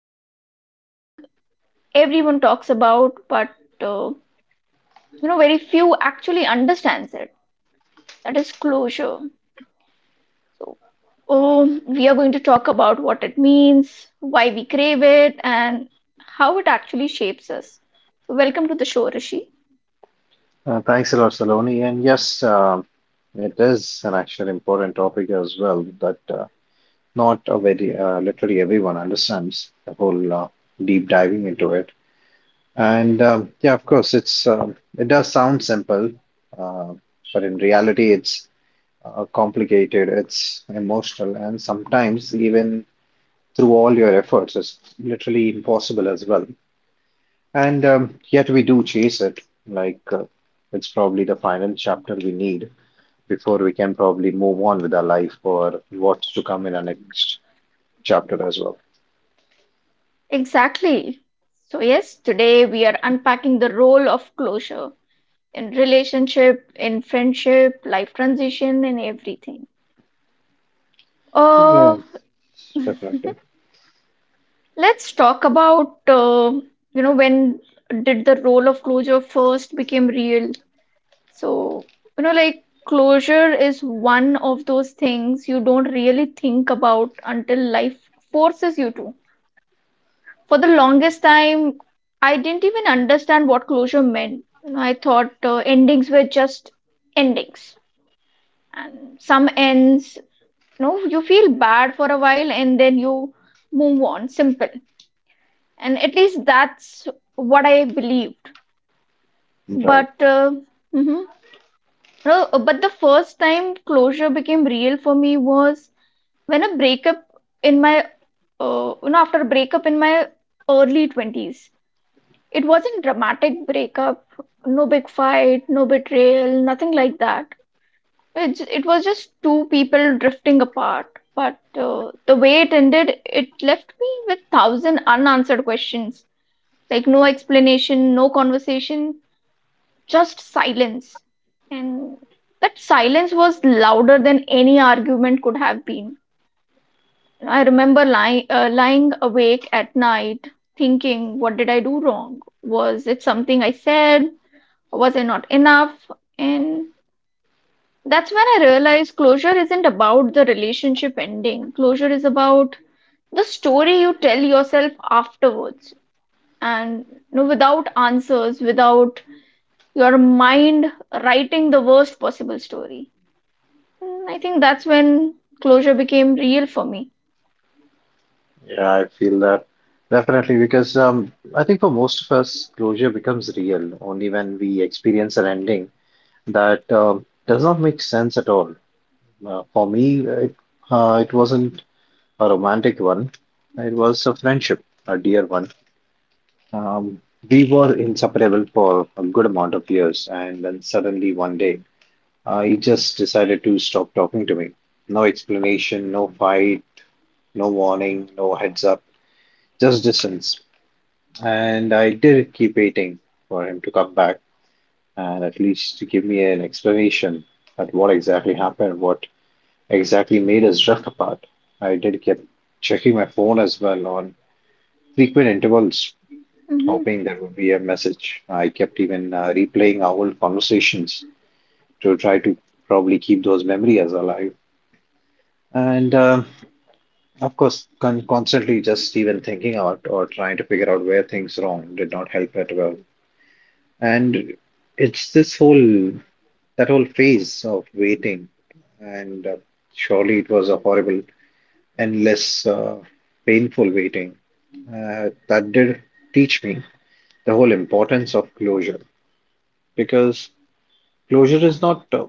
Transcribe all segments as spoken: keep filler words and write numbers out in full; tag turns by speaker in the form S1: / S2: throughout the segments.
S1: diving into something everyone talks about, but uh, you know, very few actually understands it. That is closure. So um, we are going to talk about what it means, why we crave it and how it actually shapes us. So, welcome to the show, Rishi.
S2: Uh, thanks a lot, Saloni. And yes, um it is an actually important topic as well that uh, not a very uh, literally everyone understands the whole uh, deep diving into it. And um, yeah, of course, it's um it does sound simple, uh, but in reality, it's uh, complicated, it's emotional, and sometimes even through all your efforts, it's literally impossible as well. And um, yet we do chase it, like uh, it's probably the final chapter we need before we can probably move on with our life or what's to come in our next chapter as well.
S1: Exactly. So, yes, today we are unpacking the role of closure in relationship, in friendship, life transition, and everything. Uh,
S2: Yes, definitely.
S1: let's talk about, uh, you know, when did the role of closure first became real? So, you know, like closure is one of those things you don't really think about until life forces you to. For the longest time, I didn't even understand what closure meant. You know, I thought uh, endings were just endings, and some ends, you know, you feel bad for a while and then you move on. Simple, and at least that's what I believed.
S2: Right.
S1: But uh, mhm. No, but the first time closure became real for me was when a breakup in my, uh, you know, after a breakup in my early twenties. It wasn't dramatic breakup, no big fight, no betrayal, nothing like that. It, j- it was just two people drifting apart. But uh, the way it ended, it left me with thousand unanswered questions. Like no explanation, no conversation, just silence. And that silence was louder than any argument could have been. I remember lying, uh, lying awake at night, thinking, what did I do wrong? Was it something I said? Was I not enough? And that's when I realized closure isn't about the relationship ending. Closure is about the story you tell yourself afterwards. And you know, without answers, without your mind writing the worst possible story. Mm, I think that's when closure became real for me.
S2: Yeah, I feel that definitely because um, I think for most of us, closure becomes real only when we experience an ending that um, does not make sense at all. Uh, for me, it, uh, it wasn't a romantic one, it was a friendship, a dear one. Um, we were inseparable for a good amount of years, and then suddenly one day, Uh, he just decided to stop talking to me. No explanation, no fight, no warning, no heads up, just distance. And I did keep waiting for him to come back and at least to give me an explanation at what exactly happened, what exactly made us drift apart. I did keep checking my phone as well on frequent intervals,
S1: Hmm.
S2: hoping there would be a message. I kept even uh, replaying our old conversations to try to probably keep those memories alive. And um, of course, con constantly just even thinking out or trying to figure out where things wrong did not help at all. And it's this whole that whole phase of waiting, and uh, surely it was a horrible, endless, uh, painful waiting uh, that did teach me the whole importance of closure because closure is not uh,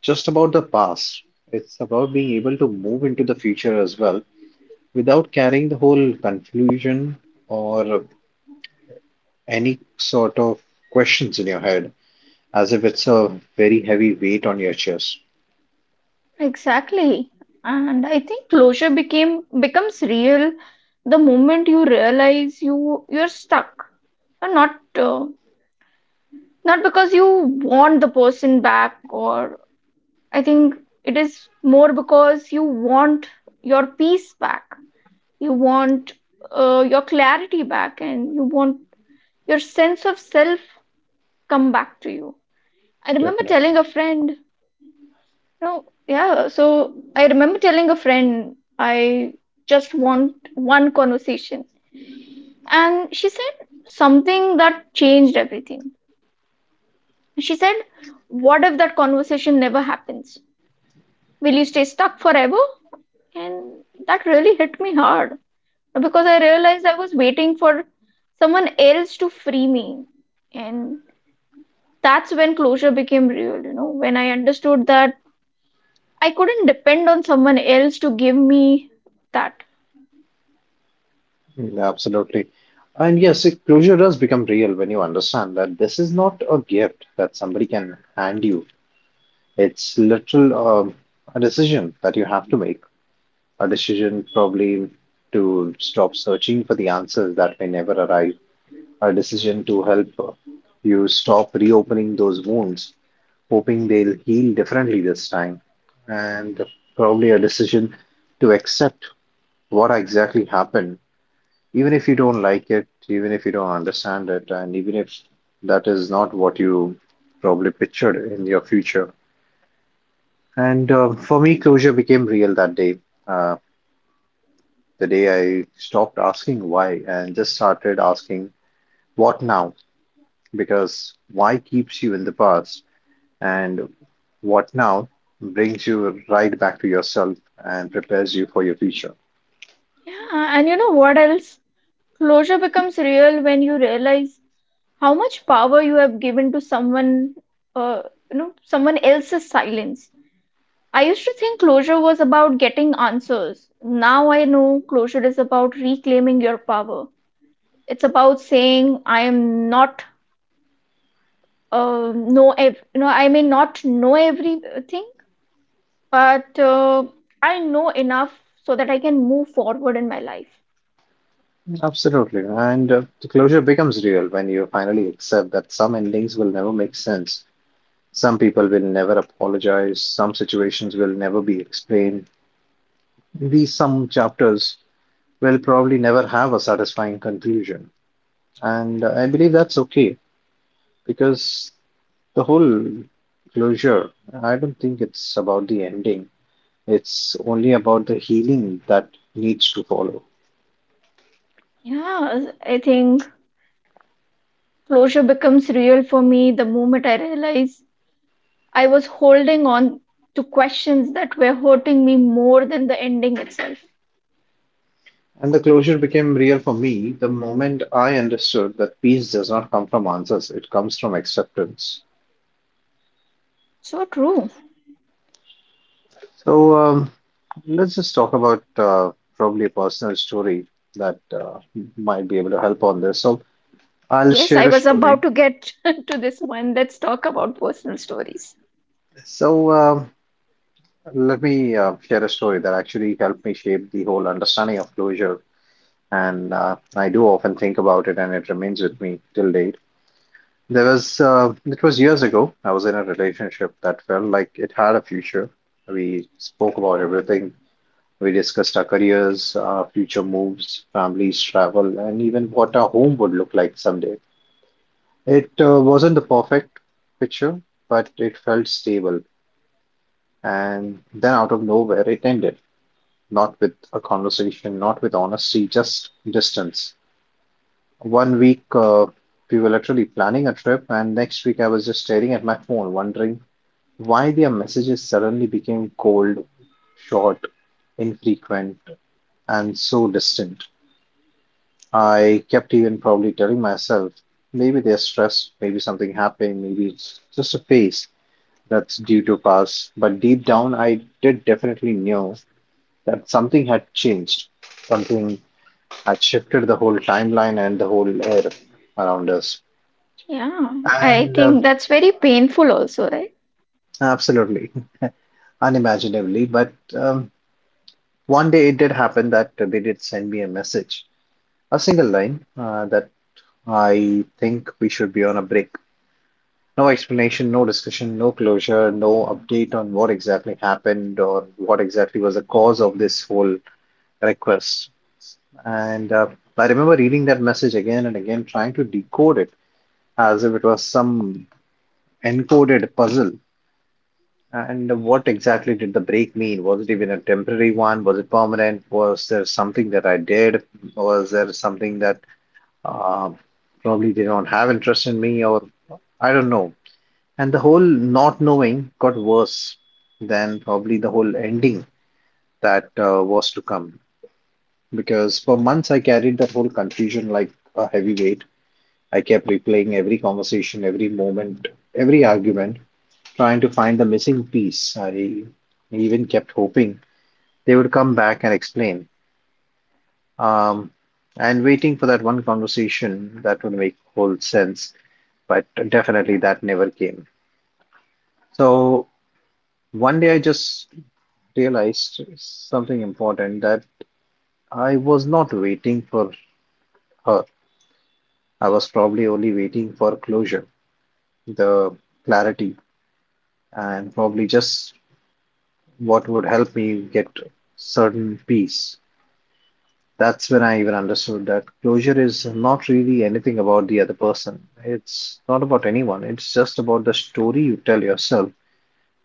S2: just about the past, it's about being able to move into the future as well without carrying the whole confusion or any sort of questions in your head, as if it's a very heavy weight on your chest.
S1: Exactly. And I think closure became becomes real the moment you realize you you're stuck. Or not uh, not because you want the person back, or I think it is more because you want your peace back. You want uh, your clarity back, and you want your sense of self come back to you. I remember
S2: Definitely.
S1: telling a friend, no, yeah, so I remember telling a friend, I just want one conversation. And she said something that changed everything. She said, what if that conversation never happens? Will you stay stuck forever? And that really hit me hard because I realized I was waiting for someone else to free me. And that's when closure became real, you know, when I understood that I couldn't depend on someone else to give me that.
S2: Mm, absolutely. And yes, it, closure does become real when you understand that this is not a gift that somebody can hand you. It's literal um, a decision that you have to make. A decision probably to stop searching for the answers that may never arrive. A decision to help uh, you stop reopening those wounds hoping they'll heal differently this time, and probably a decision to accept what exactly happened, even if you don't like it, even if you don't understand it, and even if that is not what you probably pictured in your future. And um, for me, closure became real that day. Uh, the day I stopped asking why and just started asking what now, because why keeps you in the past. And what now brings you right back to yourself and prepares you for your future.
S1: Yeah, and you know what else? Closure becomes real when you realize how much power you have given to someone, uh, you know, someone else's silence. I used to think closure was about getting answers. Now I know closure is about reclaiming your power. It's about saying I am not uh, know ev- you know, I may not know everything, but uh, I know enough so that I can move forward in my life.
S2: Absolutely. And uh, the closure becomes real when you finally accept that some endings will never make sense. Some people will never apologize. Some situations will never be explained. These some chapters will probably never have a satisfying conclusion. And uh, I believe that's okay because the whole closure, I don't think it's about the ending. It's only about the healing that needs to follow.
S1: Yeah, I think closure becomes real for me the moment I realize I was holding on to questions that were hurting me more than the ending itself.
S2: And the closure became real for me the moment I understood that peace does not come from answers, it comes from acceptance.
S1: So true.
S2: So um, let's just talk about uh, probably a personal story that uh, might be able to help on this. So I'll
S1: Yes, I
S2: share a
S1: was
S2: story.
S1: about to get to this one. Let's talk about personal stories.
S2: So um, let me uh, share a story that actually helped me shape the whole understanding of closure. And uh, I do often think about it, and it remains with me till date. There was uh, it was years ago. I was in a relationship that felt like it had a future. We spoke about everything. We discussed our careers, our future moves, families, travel, and even what our home would look like someday. It uh, wasn't the perfect picture, but it felt stable. And then out of nowhere, it ended. Not with a conversation, not with honesty, just distance. One week, uh, we were literally planning a trip, and next week, I was just staring at my phone, wondering why their messages suddenly became cold, short, infrequent, and so distant. I kept even probably telling myself maybe they're stressed, maybe something happened, maybe it's just a phase that's due to pass. But deep down, I did definitely know that something had changed, something had shifted the whole timeline and the whole air around us.
S1: Yeah, I
S2: And uh,
S1: think that's very painful, also, right?
S2: absolutely unimaginably, but um, one day it did happen that they did send me a message, a single line uh, that I think we should be on a break. No explanation, no discussion, no closure, no update on what exactly happened or what exactly was the cause of this whole request. And uh, I remember reading that message again and again, trying to decode it as if it was some encoded puzzle. And what exactly did the break mean? Was it even a temporary one? Was it permanent? Was there something that I did? Was there something that uh, probably they don't have interest in me? Or I don't know. And the whole not knowing got worse than probably the whole ending that uh, was to come. Because for months I carried that whole confusion like a heavy weight. I kept replaying every conversation, every moment, every argument, trying to find the missing piece. I even kept hoping they would come back and explain. Um, and waiting for that one conversation that would make whole sense, but definitely that never came. So one day I just realized something important that I was not waiting for her. I was probably only waiting for closure, the clarity, and probably just what would help me get certain peace. That's when I even understood that closure is not really anything about the other person. It's not about anyone. It's just about the story you tell yourself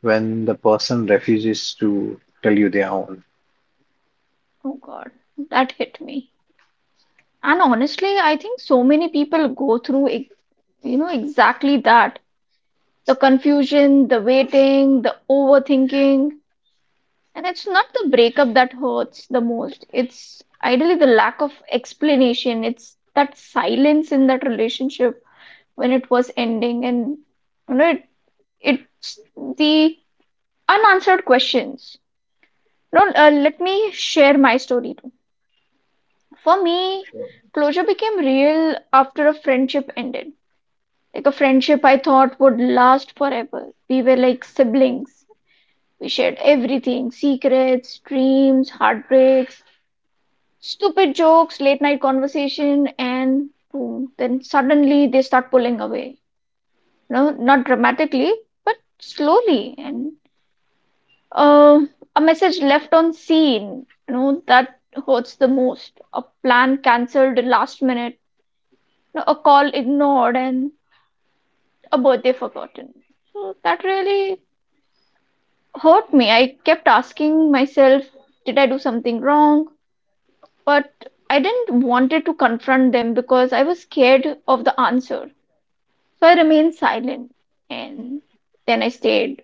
S2: when the person refuses to tell you their own.
S1: Oh God, that hit me. And honestly, I think so many people go through, ex- you know, exactly that. The confusion, the waiting, the overthinking. And it's not the breakup that hurts the most. It's ideally the lack of explanation. It's that silence in that relationship when it was ending and you know, it's the unanswered questions. No, uh, let me share my story too. For me, closure became real after a friendship ended. Like a friendship I thought would last forever. We were like siblings. We shared everything, secrets, dreams, heartbreaks, stupid jokes, late night conversation, and boom. Then suddenly they start pulling away. No, not dramatically, but slowly. And Uh, a message left on scene, you know, that hurts the most. A plan cancelled last minute, you know, a call ignored, and a birthday forgotten. So that really hurt me. I kept asking myself, did I do something wrong? But I didn't wanted to confront them because I was scared of the answer. So I remained silent, and then I stayed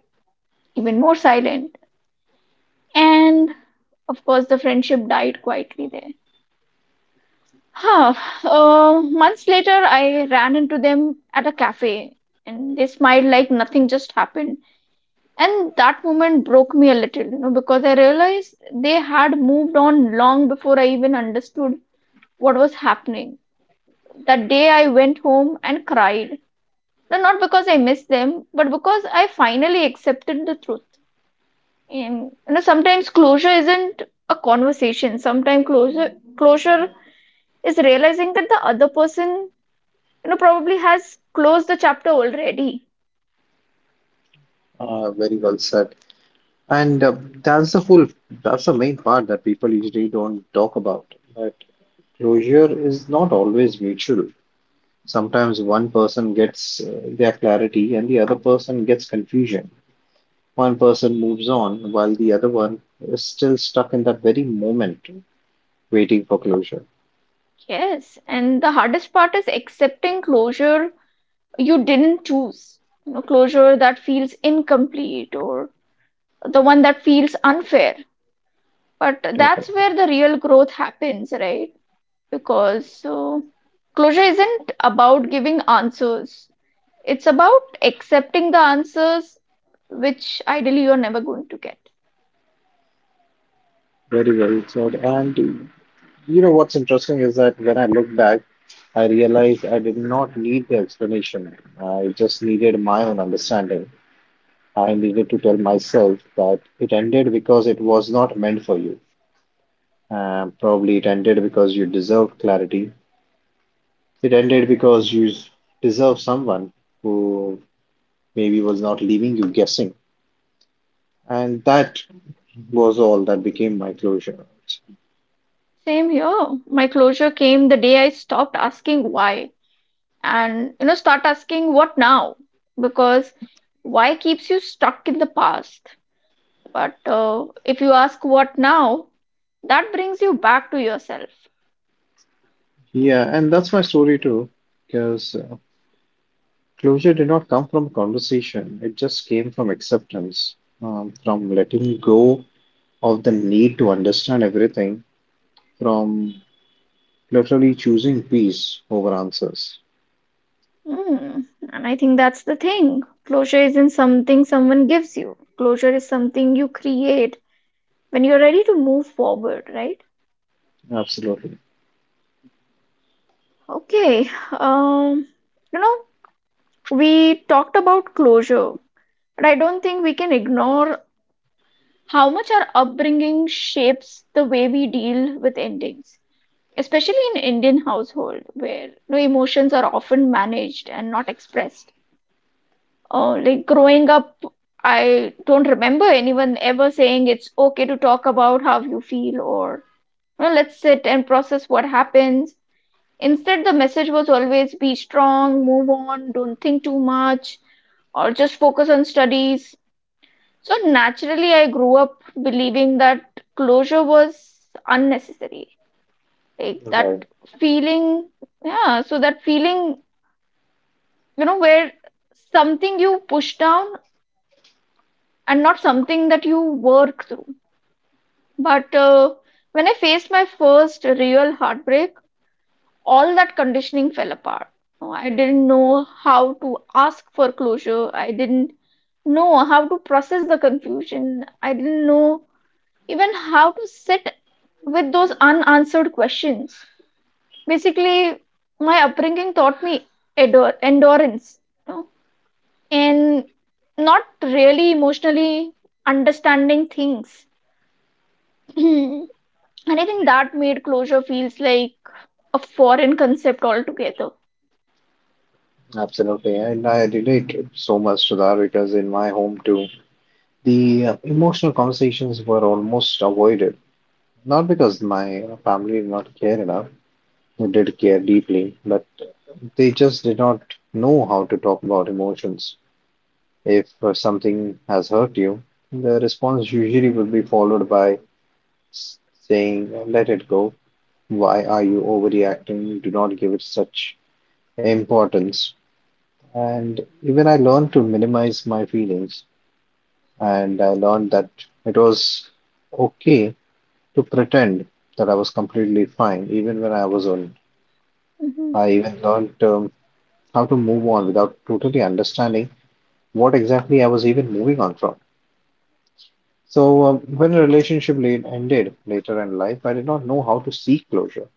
S1: even more silent. And of course, the friendship died quietly there. Huh. Uh, months later, I ran into them at a cafe and they smiled like nothing just happened. And that moment broke me a little, you know, because I realized they had moved on long before I even understood what was happening. That day, I went home and cried. No, not because I missed them, but because I finally accepted the truth. And, you know, sometimes closure isn't a conversation. Sometimes closure, closure is realizing that the other person, you know, probably has closed the chapter already.
S2: Uh, very well said. And uh, that's the whole, that's the main part that people usually don't talk about. That closure is not always mutual. Sometimes one person gets uh, their clarity and the other person gets confusion. One person moves on while the other one is still stuck in that very moment, waiting for closure.
S1: Yes, and the hardest part is accepting closure you didn't choose, you know, closure that feels incomplete or the one that feels unfair, but that's
S2: Definitely.
S1: where the real growth happens, right? Because so closure isn't about giving answers, it's about accepting the answers which ideally you're never going to get.
S2: Very well said. And you know what's interesting is that when I look back, I realized I did not need the explanation. I just needed my own understanding. I needed to tell myself that it ended because it was not meant for you. Um, probably it ended because you deserved clarity. It ended because you deserve someone who maybe was not leaving you guessing. And that was all that became my closure.
S1: Same here, my closure came the day I stopped asking why and, you know, start asking what now, because why keeps you stuck in the past, but uh, if you ask what now, that brings you back to yourself.
S2: Yeah, and that's my story too, because uh, closure did not come from conversation, it just came from acceptance, um, from letting go of the need to understand everything, from literally choosing peace over answers.
S1: Hmm. And I think that's the thing, closure isn't something someone gives you, closure is something you create when you're ready to move forward, right?
S2: Absolutely.
S1: Okay, um you know, we talked about closure, but I don't think we can ignore how much our upbringing shapes the way we deal with endings, especially in Indian household where, you know, emotions are often managed and not expressed. Uh, like growing up, I don't remember anyone ever saying it's okay to talk about how you feel or well, let's sit and process what happens. Instead, the message was always be strong, move on, don't think too much, or just focus on studies. So naturally, I grew up believing that closure was unnecessary. Like
S2: Right.
S1: that feeling, yeah, so that feeling, you know, where something you push down and not something that you work through. But uh, when I faced my first real heartbreak, all that conditioning fell apart. No, I didn't know how to ask for closure. I didn't know how to process the confusion. I didn't know even how to sit with those unanswered questions. Basically, my upbringing taught me endure, endurance, you know, and not really emotionally understanding things. And I think that made closure feels like a foreign concept altogether.
S2: Absolutely. And I relate so much to that because in my home too, the uh, emotional conversations were almost avoided. Not because my family did not care enough, they did care deeply, but they just did not know how to talk about emotions. If uh, something has hurt you, the response usually would be followed by s- saying, let it go. Why are you overreacting? Do not give it such importance. And even I learned to minimize my feelings, and I learned that it was okay to pretend that I was completely fine, even when I was on.
S1: Hmm.
S2: I even learned um, how to move on without totally understanding what exactly I was even moving on from. So, um, when a relationship late ended later in life, I did not know how to seek closure.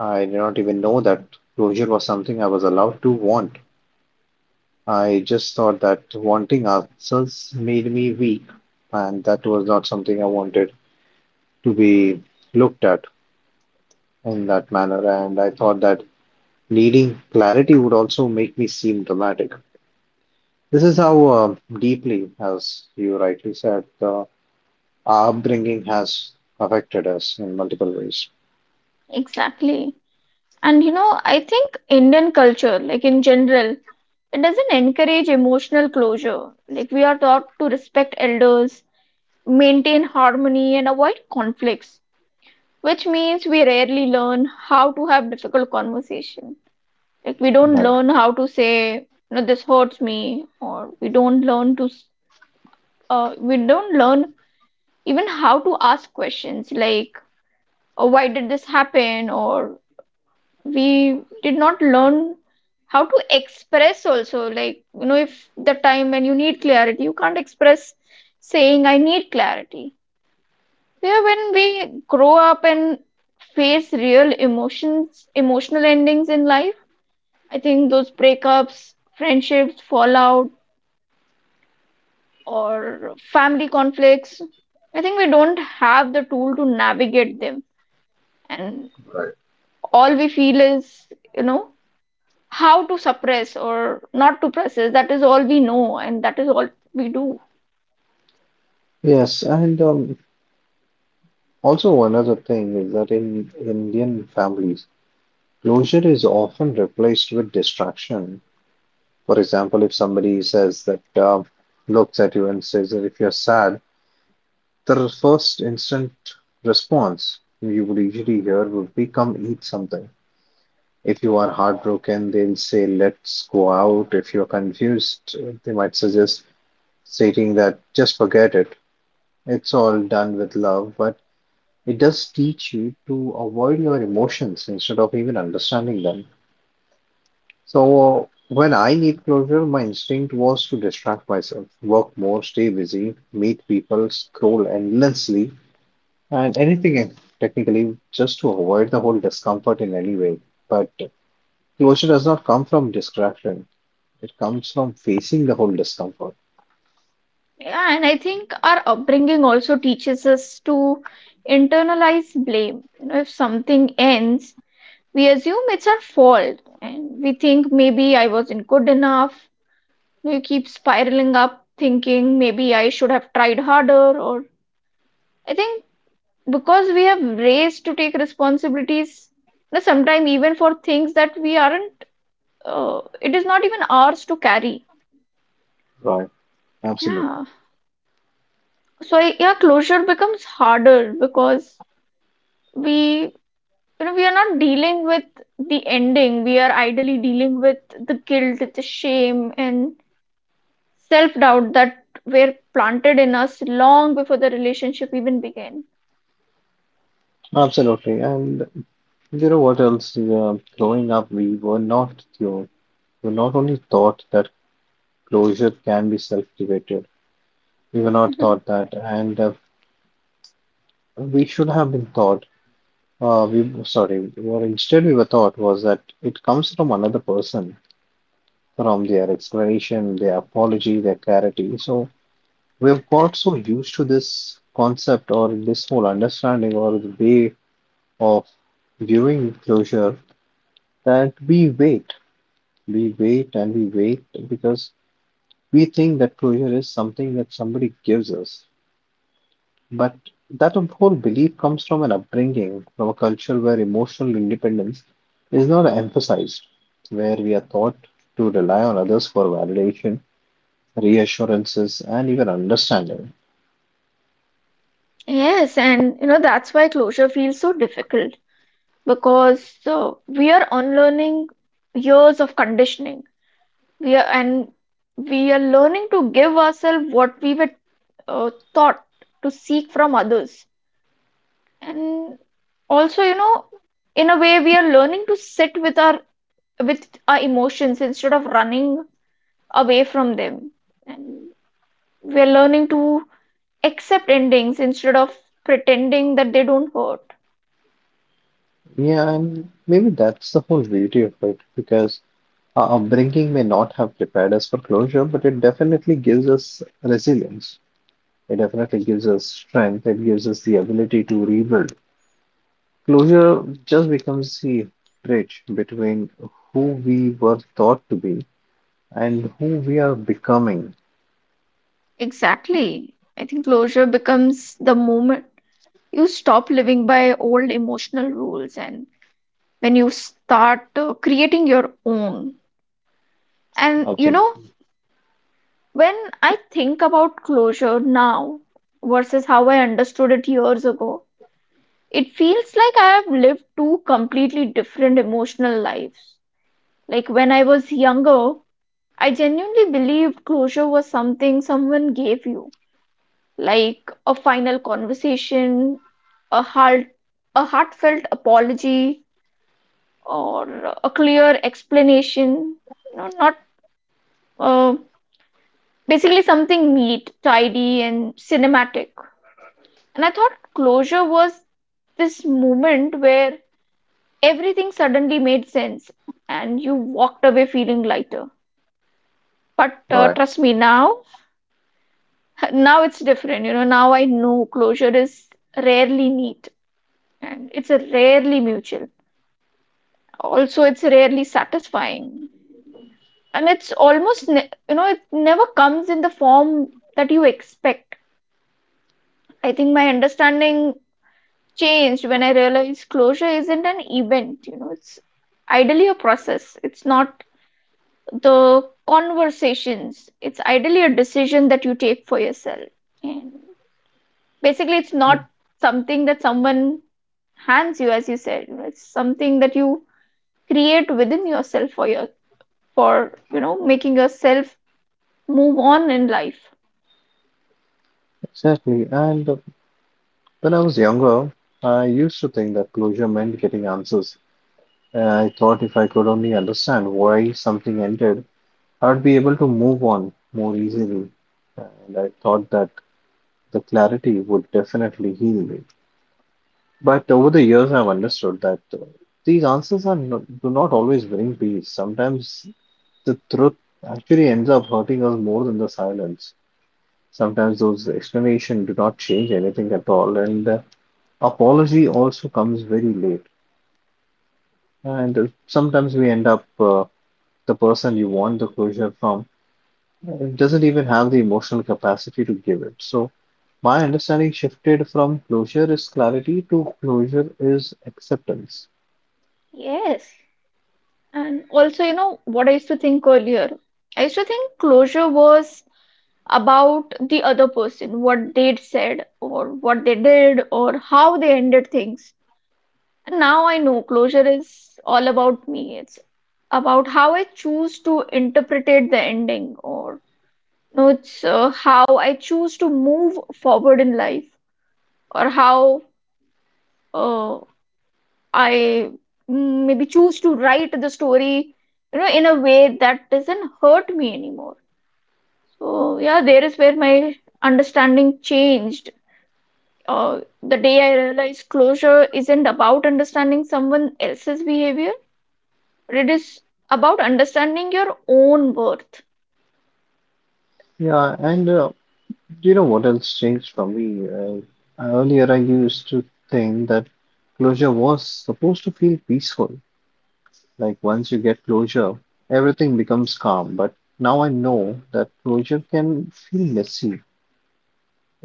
S2: I did not even know that closure was something I was allowed to want. I just thought that wanting answers made me weak, and that was not something I wanted to be looked at in that manner. And I thought that needing clarity would also make me seem dramatic. This is how uh, deeply, as you rightly said, the our upbringing has affected us in multiple ways.
S1: Exactly. And you know, I think Indian culture, like in general, it doesn't encourage emotional closure. Like we are taught to respect elders, maintain harmony and avoid conflicts, which means we rarely learn how to have difficult conversation, like we don't
S2: Right.
S1: learn how to say no, this hurts me, or we don't learn to s- uh, we don't learn even how to ask questions like oh, why did this happen, or we did not learn how to express also, like, you know, if the time when you need clarity you can't express saying I need clarity. Yeah, when we grow up and face real emotions, emotional endings in life, I think those breakups, friendships, fallout, or family conflicts, I think we don't have the tool to navigate them. And
S2: Right.
S1: all we feel is, you know, how to suppress or not to process. That is all we know, and that is all we do.
S2: Yes, and um, also another thing is that in Indian families, closure is often replaced with distraction. For example, if somebody says that uh, looks at you and says that if you're sad, the first instant response you would usually hear would be come eat something. If you are heartbroken, they'll say, let's go out. If you're confused, they might suggest stating that just forget it. It's all done with love, but it does teach you to avoid your emotions instead of even understanding them. So when I need closure, my instinct was to distract myself, work more, stay busy, meet people, scroll endlessly, and anything technically just to avoid the whole discomfort in any way. But closure does not come from distraction. It comes from facing the whole discomfort.
S1: Yeah, and I think our upbringing also teaches us to internalize blame. You know, if something ends, we assume it's our fault and we think maybe I wasn't good enough. We keep spiraling up, thinking maybe I should have tried harder. Or I think because we have raised to take responsibilities, now sometimes even for things that we aren't, uh, it is not even ours to carry.
S2: Right. Absolutely.
S1: Yeah. So I, yeah, closure becomes harder because we, you know, we are not dealing with the ending, we are ideally dealing with the guilt, the shame and self-doubt that were planted in us long before the relationship even began.
S2: Absolutely. And you know what else? Uh, growing up, we were not you were not only taught that closure can be self-created. We were not
S1: Mhm.
S2: taught that, and uh, we should have been taught. Uh, we sorry. What instead we were taught was that it comes from another person, from their explanation, their apology, their clarity. So we've got so used to this concept or this whole understanding or the way of viewing closure that we wait, we wait and we wait because we think that closure is something that somebody gives us. But that whole belief comes from an upbringing, from a culture where emotional independence is not emphasized, where we are taught to rely on others for validation, reassurances, and even understanding.
S1: Yes, and you know that's why closure feels so difficult because uh, we are unlearning years of conditioning. We are and we are learning to give ourselves what we were uh, taught to seek from others, and also, you know, in a way we are learning to sit with our with our emotions instead of running away from them. And we're learning to accept endings instead of pretending that they don't hurt.
S2: Yeah, and maybe that's the whole beauty of it because our upbringing may not have prepared us for closure, but it definitely gives us resilience. It definitely gives us strength. It gives us the ability to rebuild. Closure just becomes the bridge between who we were thought to be and who we are becoming.
S1: Exactly. I think closure becomes the moment you stop living by old emotional rules and when you start uh, creating your own. And you know,
S2: Absolutely.
S1: when I think about closure now versus how I understood it years ago, it feels like I have lived two completely different emotional lives. Like when I was younger, I genuinely believed closure was something someone gave you, like a final conversation, a heart, a heartfelt apology, or a clear explanation. No, not uh, basically something neat, tidy, and cinematic. And I thought closure was this moment where everything suddenly made sense and you walked away feeling lighter. But uh,
S2: Right,
S1: trust me now. now it's different, you know, now I know closure is rarely neat, and it's rarely mutual, also it's rarely satisfying, and it's almost ne- you know it never comes in the form that you expect. I think my understanding changed when I realized closure isn't an event, you know, it's ideally a process. It's not the conversations, it's ideally a decision that you take for yourself. And basically it's not something that someone hands you, as you said, you know, it's something that you create within yourself for your for, you know, making yourself move on in life.
S2: exactly. And uh, when I was younger, I used to think that closure meant getting answers. And I thought if I could only understand why something ended, I would be able to move on more easily, and I thought that the clarity would definitely heal me. But over the years, I've understood that uh, these answers are not, do not always bring peace. Sometimes the truth actually ends up hurting us more than the silence. Sometimes those explanations do not change anything at all, and uh, apology also comes very late. And uh, sometimes we end up uh, the person you want the closure from, it doesn't even have the emotional capacity to give it. So my understanding shifted from closure is clarity to closure is acceptance.
S1: Yes, and also, you know what I used to think earlier, I used to think closure was about the other person, what they'd said or what they did or how they ended things. And now I know closure is all about me. It's about how I choose to interpret the ending or know, it's uh, how I choose to move forward in life, or how uh, I mm, maybe choose to write the story, you know, in a way that doesn't hurt me anymore. So, yeah, there is where my understanding changed. Uh, the day I realized closure isn't about understanding someone else's behavior, but it is about understanding your own worth.
S2: Yeah, and uh, do you know what else changed for me? Uh, earlier, I used to think that closure was supposed to feel peaceful. Like once you get closure, everything becomes calm. But now I know that closure can feel messy.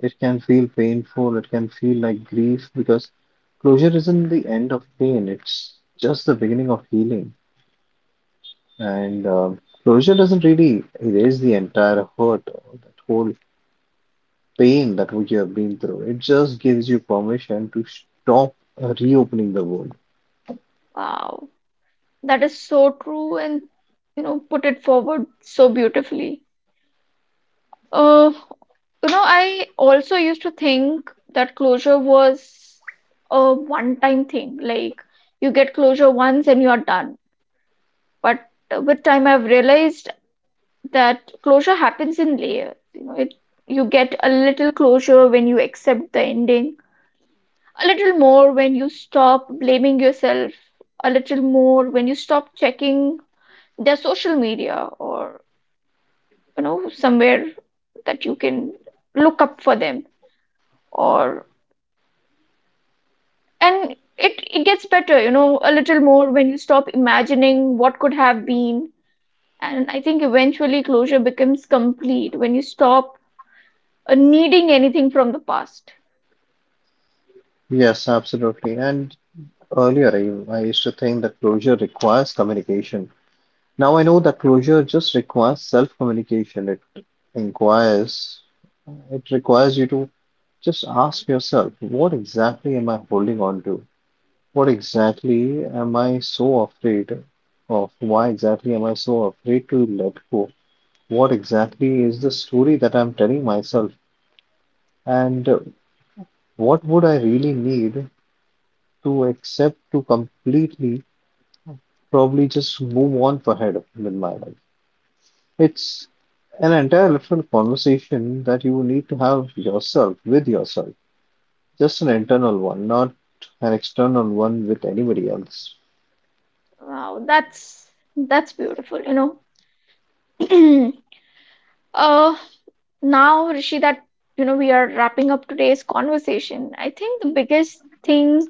S2: It can feel painful, it can feel like grief because closure isn't the end of pain, it's just the beginning of healing. And um closure doesn't really erase the entire hurt or that whole pain that we have been through. It just gives you permission to stop uh, reopening the wound.
S1: Wow, that is so true, and you know, put it forward so beautifully. Uh, you know, I also used to think that closure was a one-time thing. Like you get closure once and you're done. But uh, with time, I've realized that closure happens in layers. You know, it you get a little closure when you accept the ending, a little more when you stop blaming yourself, a little more when you stop checking their social media or you know somewhere that you can look up for them or and it, it gets better, you know, a little more when you stop imagining what could have been. And I think eventually closure becomes complete when you stop uh, needing anything from the past.
S2: Yes, absolutely. And earlier, I, I used to think that closure requires communication. Now I know that closure just requires self-communication. It inquires, it requires you to just ask yourself, what exactly am I holding on to? What exactly am I so afraid of? Why exactly am I so afraid to let go? What exactly is the story that I'm telling myself? And uh, what would I really need to accept to completely, probably just move on ahead with my life? It's an entire different conversation that you need to have yourself with yourself. Just an internal one, not an external one with anybody else.
S1: Wow, that's that's beautiful, you know. uh now, Rishi, that you know, we are wrapping up today's conversation. I think the biggest thing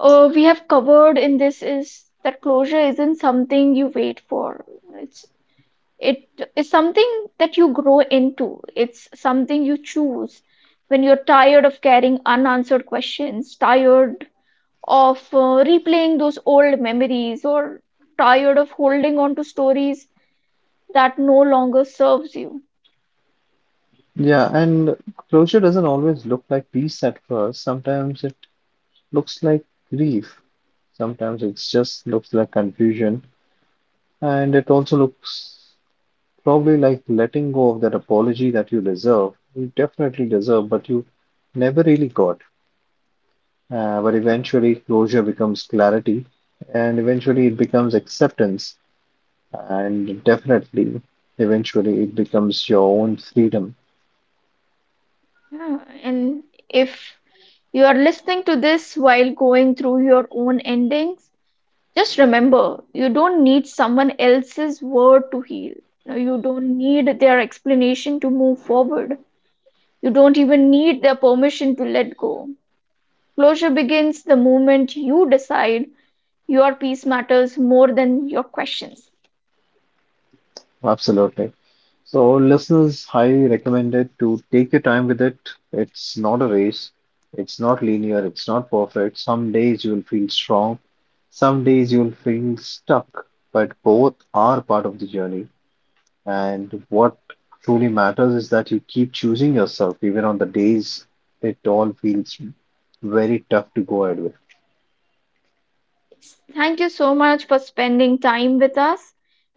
S1: uh, we have covered in this is that closure isn't something you wait for. it's it is something that you grow into, it's something you choose when you're tired of carrying unanswered questions, tired of uh, replaying those old memories, or tired of holding on to stories that no longer serves you.
S2: Yeah, and closure doesn't always look like peace at first. Sometimes it looks like grief. Sometimes it just looks like confusion. And it also looks probably like letting go of that apology that you deserve. You definitely deserve, but you never really got. Uh, but eventually, closure becomes clarity, and eventually, it becomes acceptance. And definitely eventually it becomes your own freedom.
S1: Yeah. And if you are listening to this while going through your own endings, just remember you don't need someone else's word to heal. You know, you don't need their explanation to move forward. You don't even need their permission to let go. Closure begins the moment you decide your peace matters more than your questions.
S2: Absolutely. So listeners, highly recommended to take your time with it. It's not a race, it's not linear, it's not perfect. Some days you will feel strong, some days you will feel stuck, but both are part of the journey. And what truly matters is that you keep choosing yourself, even on the days it all feels very tough to go ahead with.
S1: Thank you so much for spending time with us.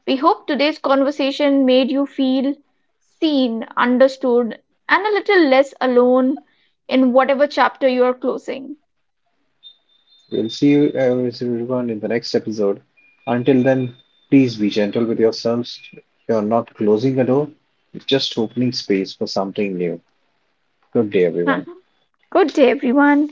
S1: We hope today's conversation made you feel seen, understood, and a little less alone in whatever chapter you are closing.
S2: We'll see you uh, everyone in the next episode. Until then, please be gentle with yourselves. You're not closing a door, you're just opening space for something new. Good day, everyone.
S1: Good day, everyone.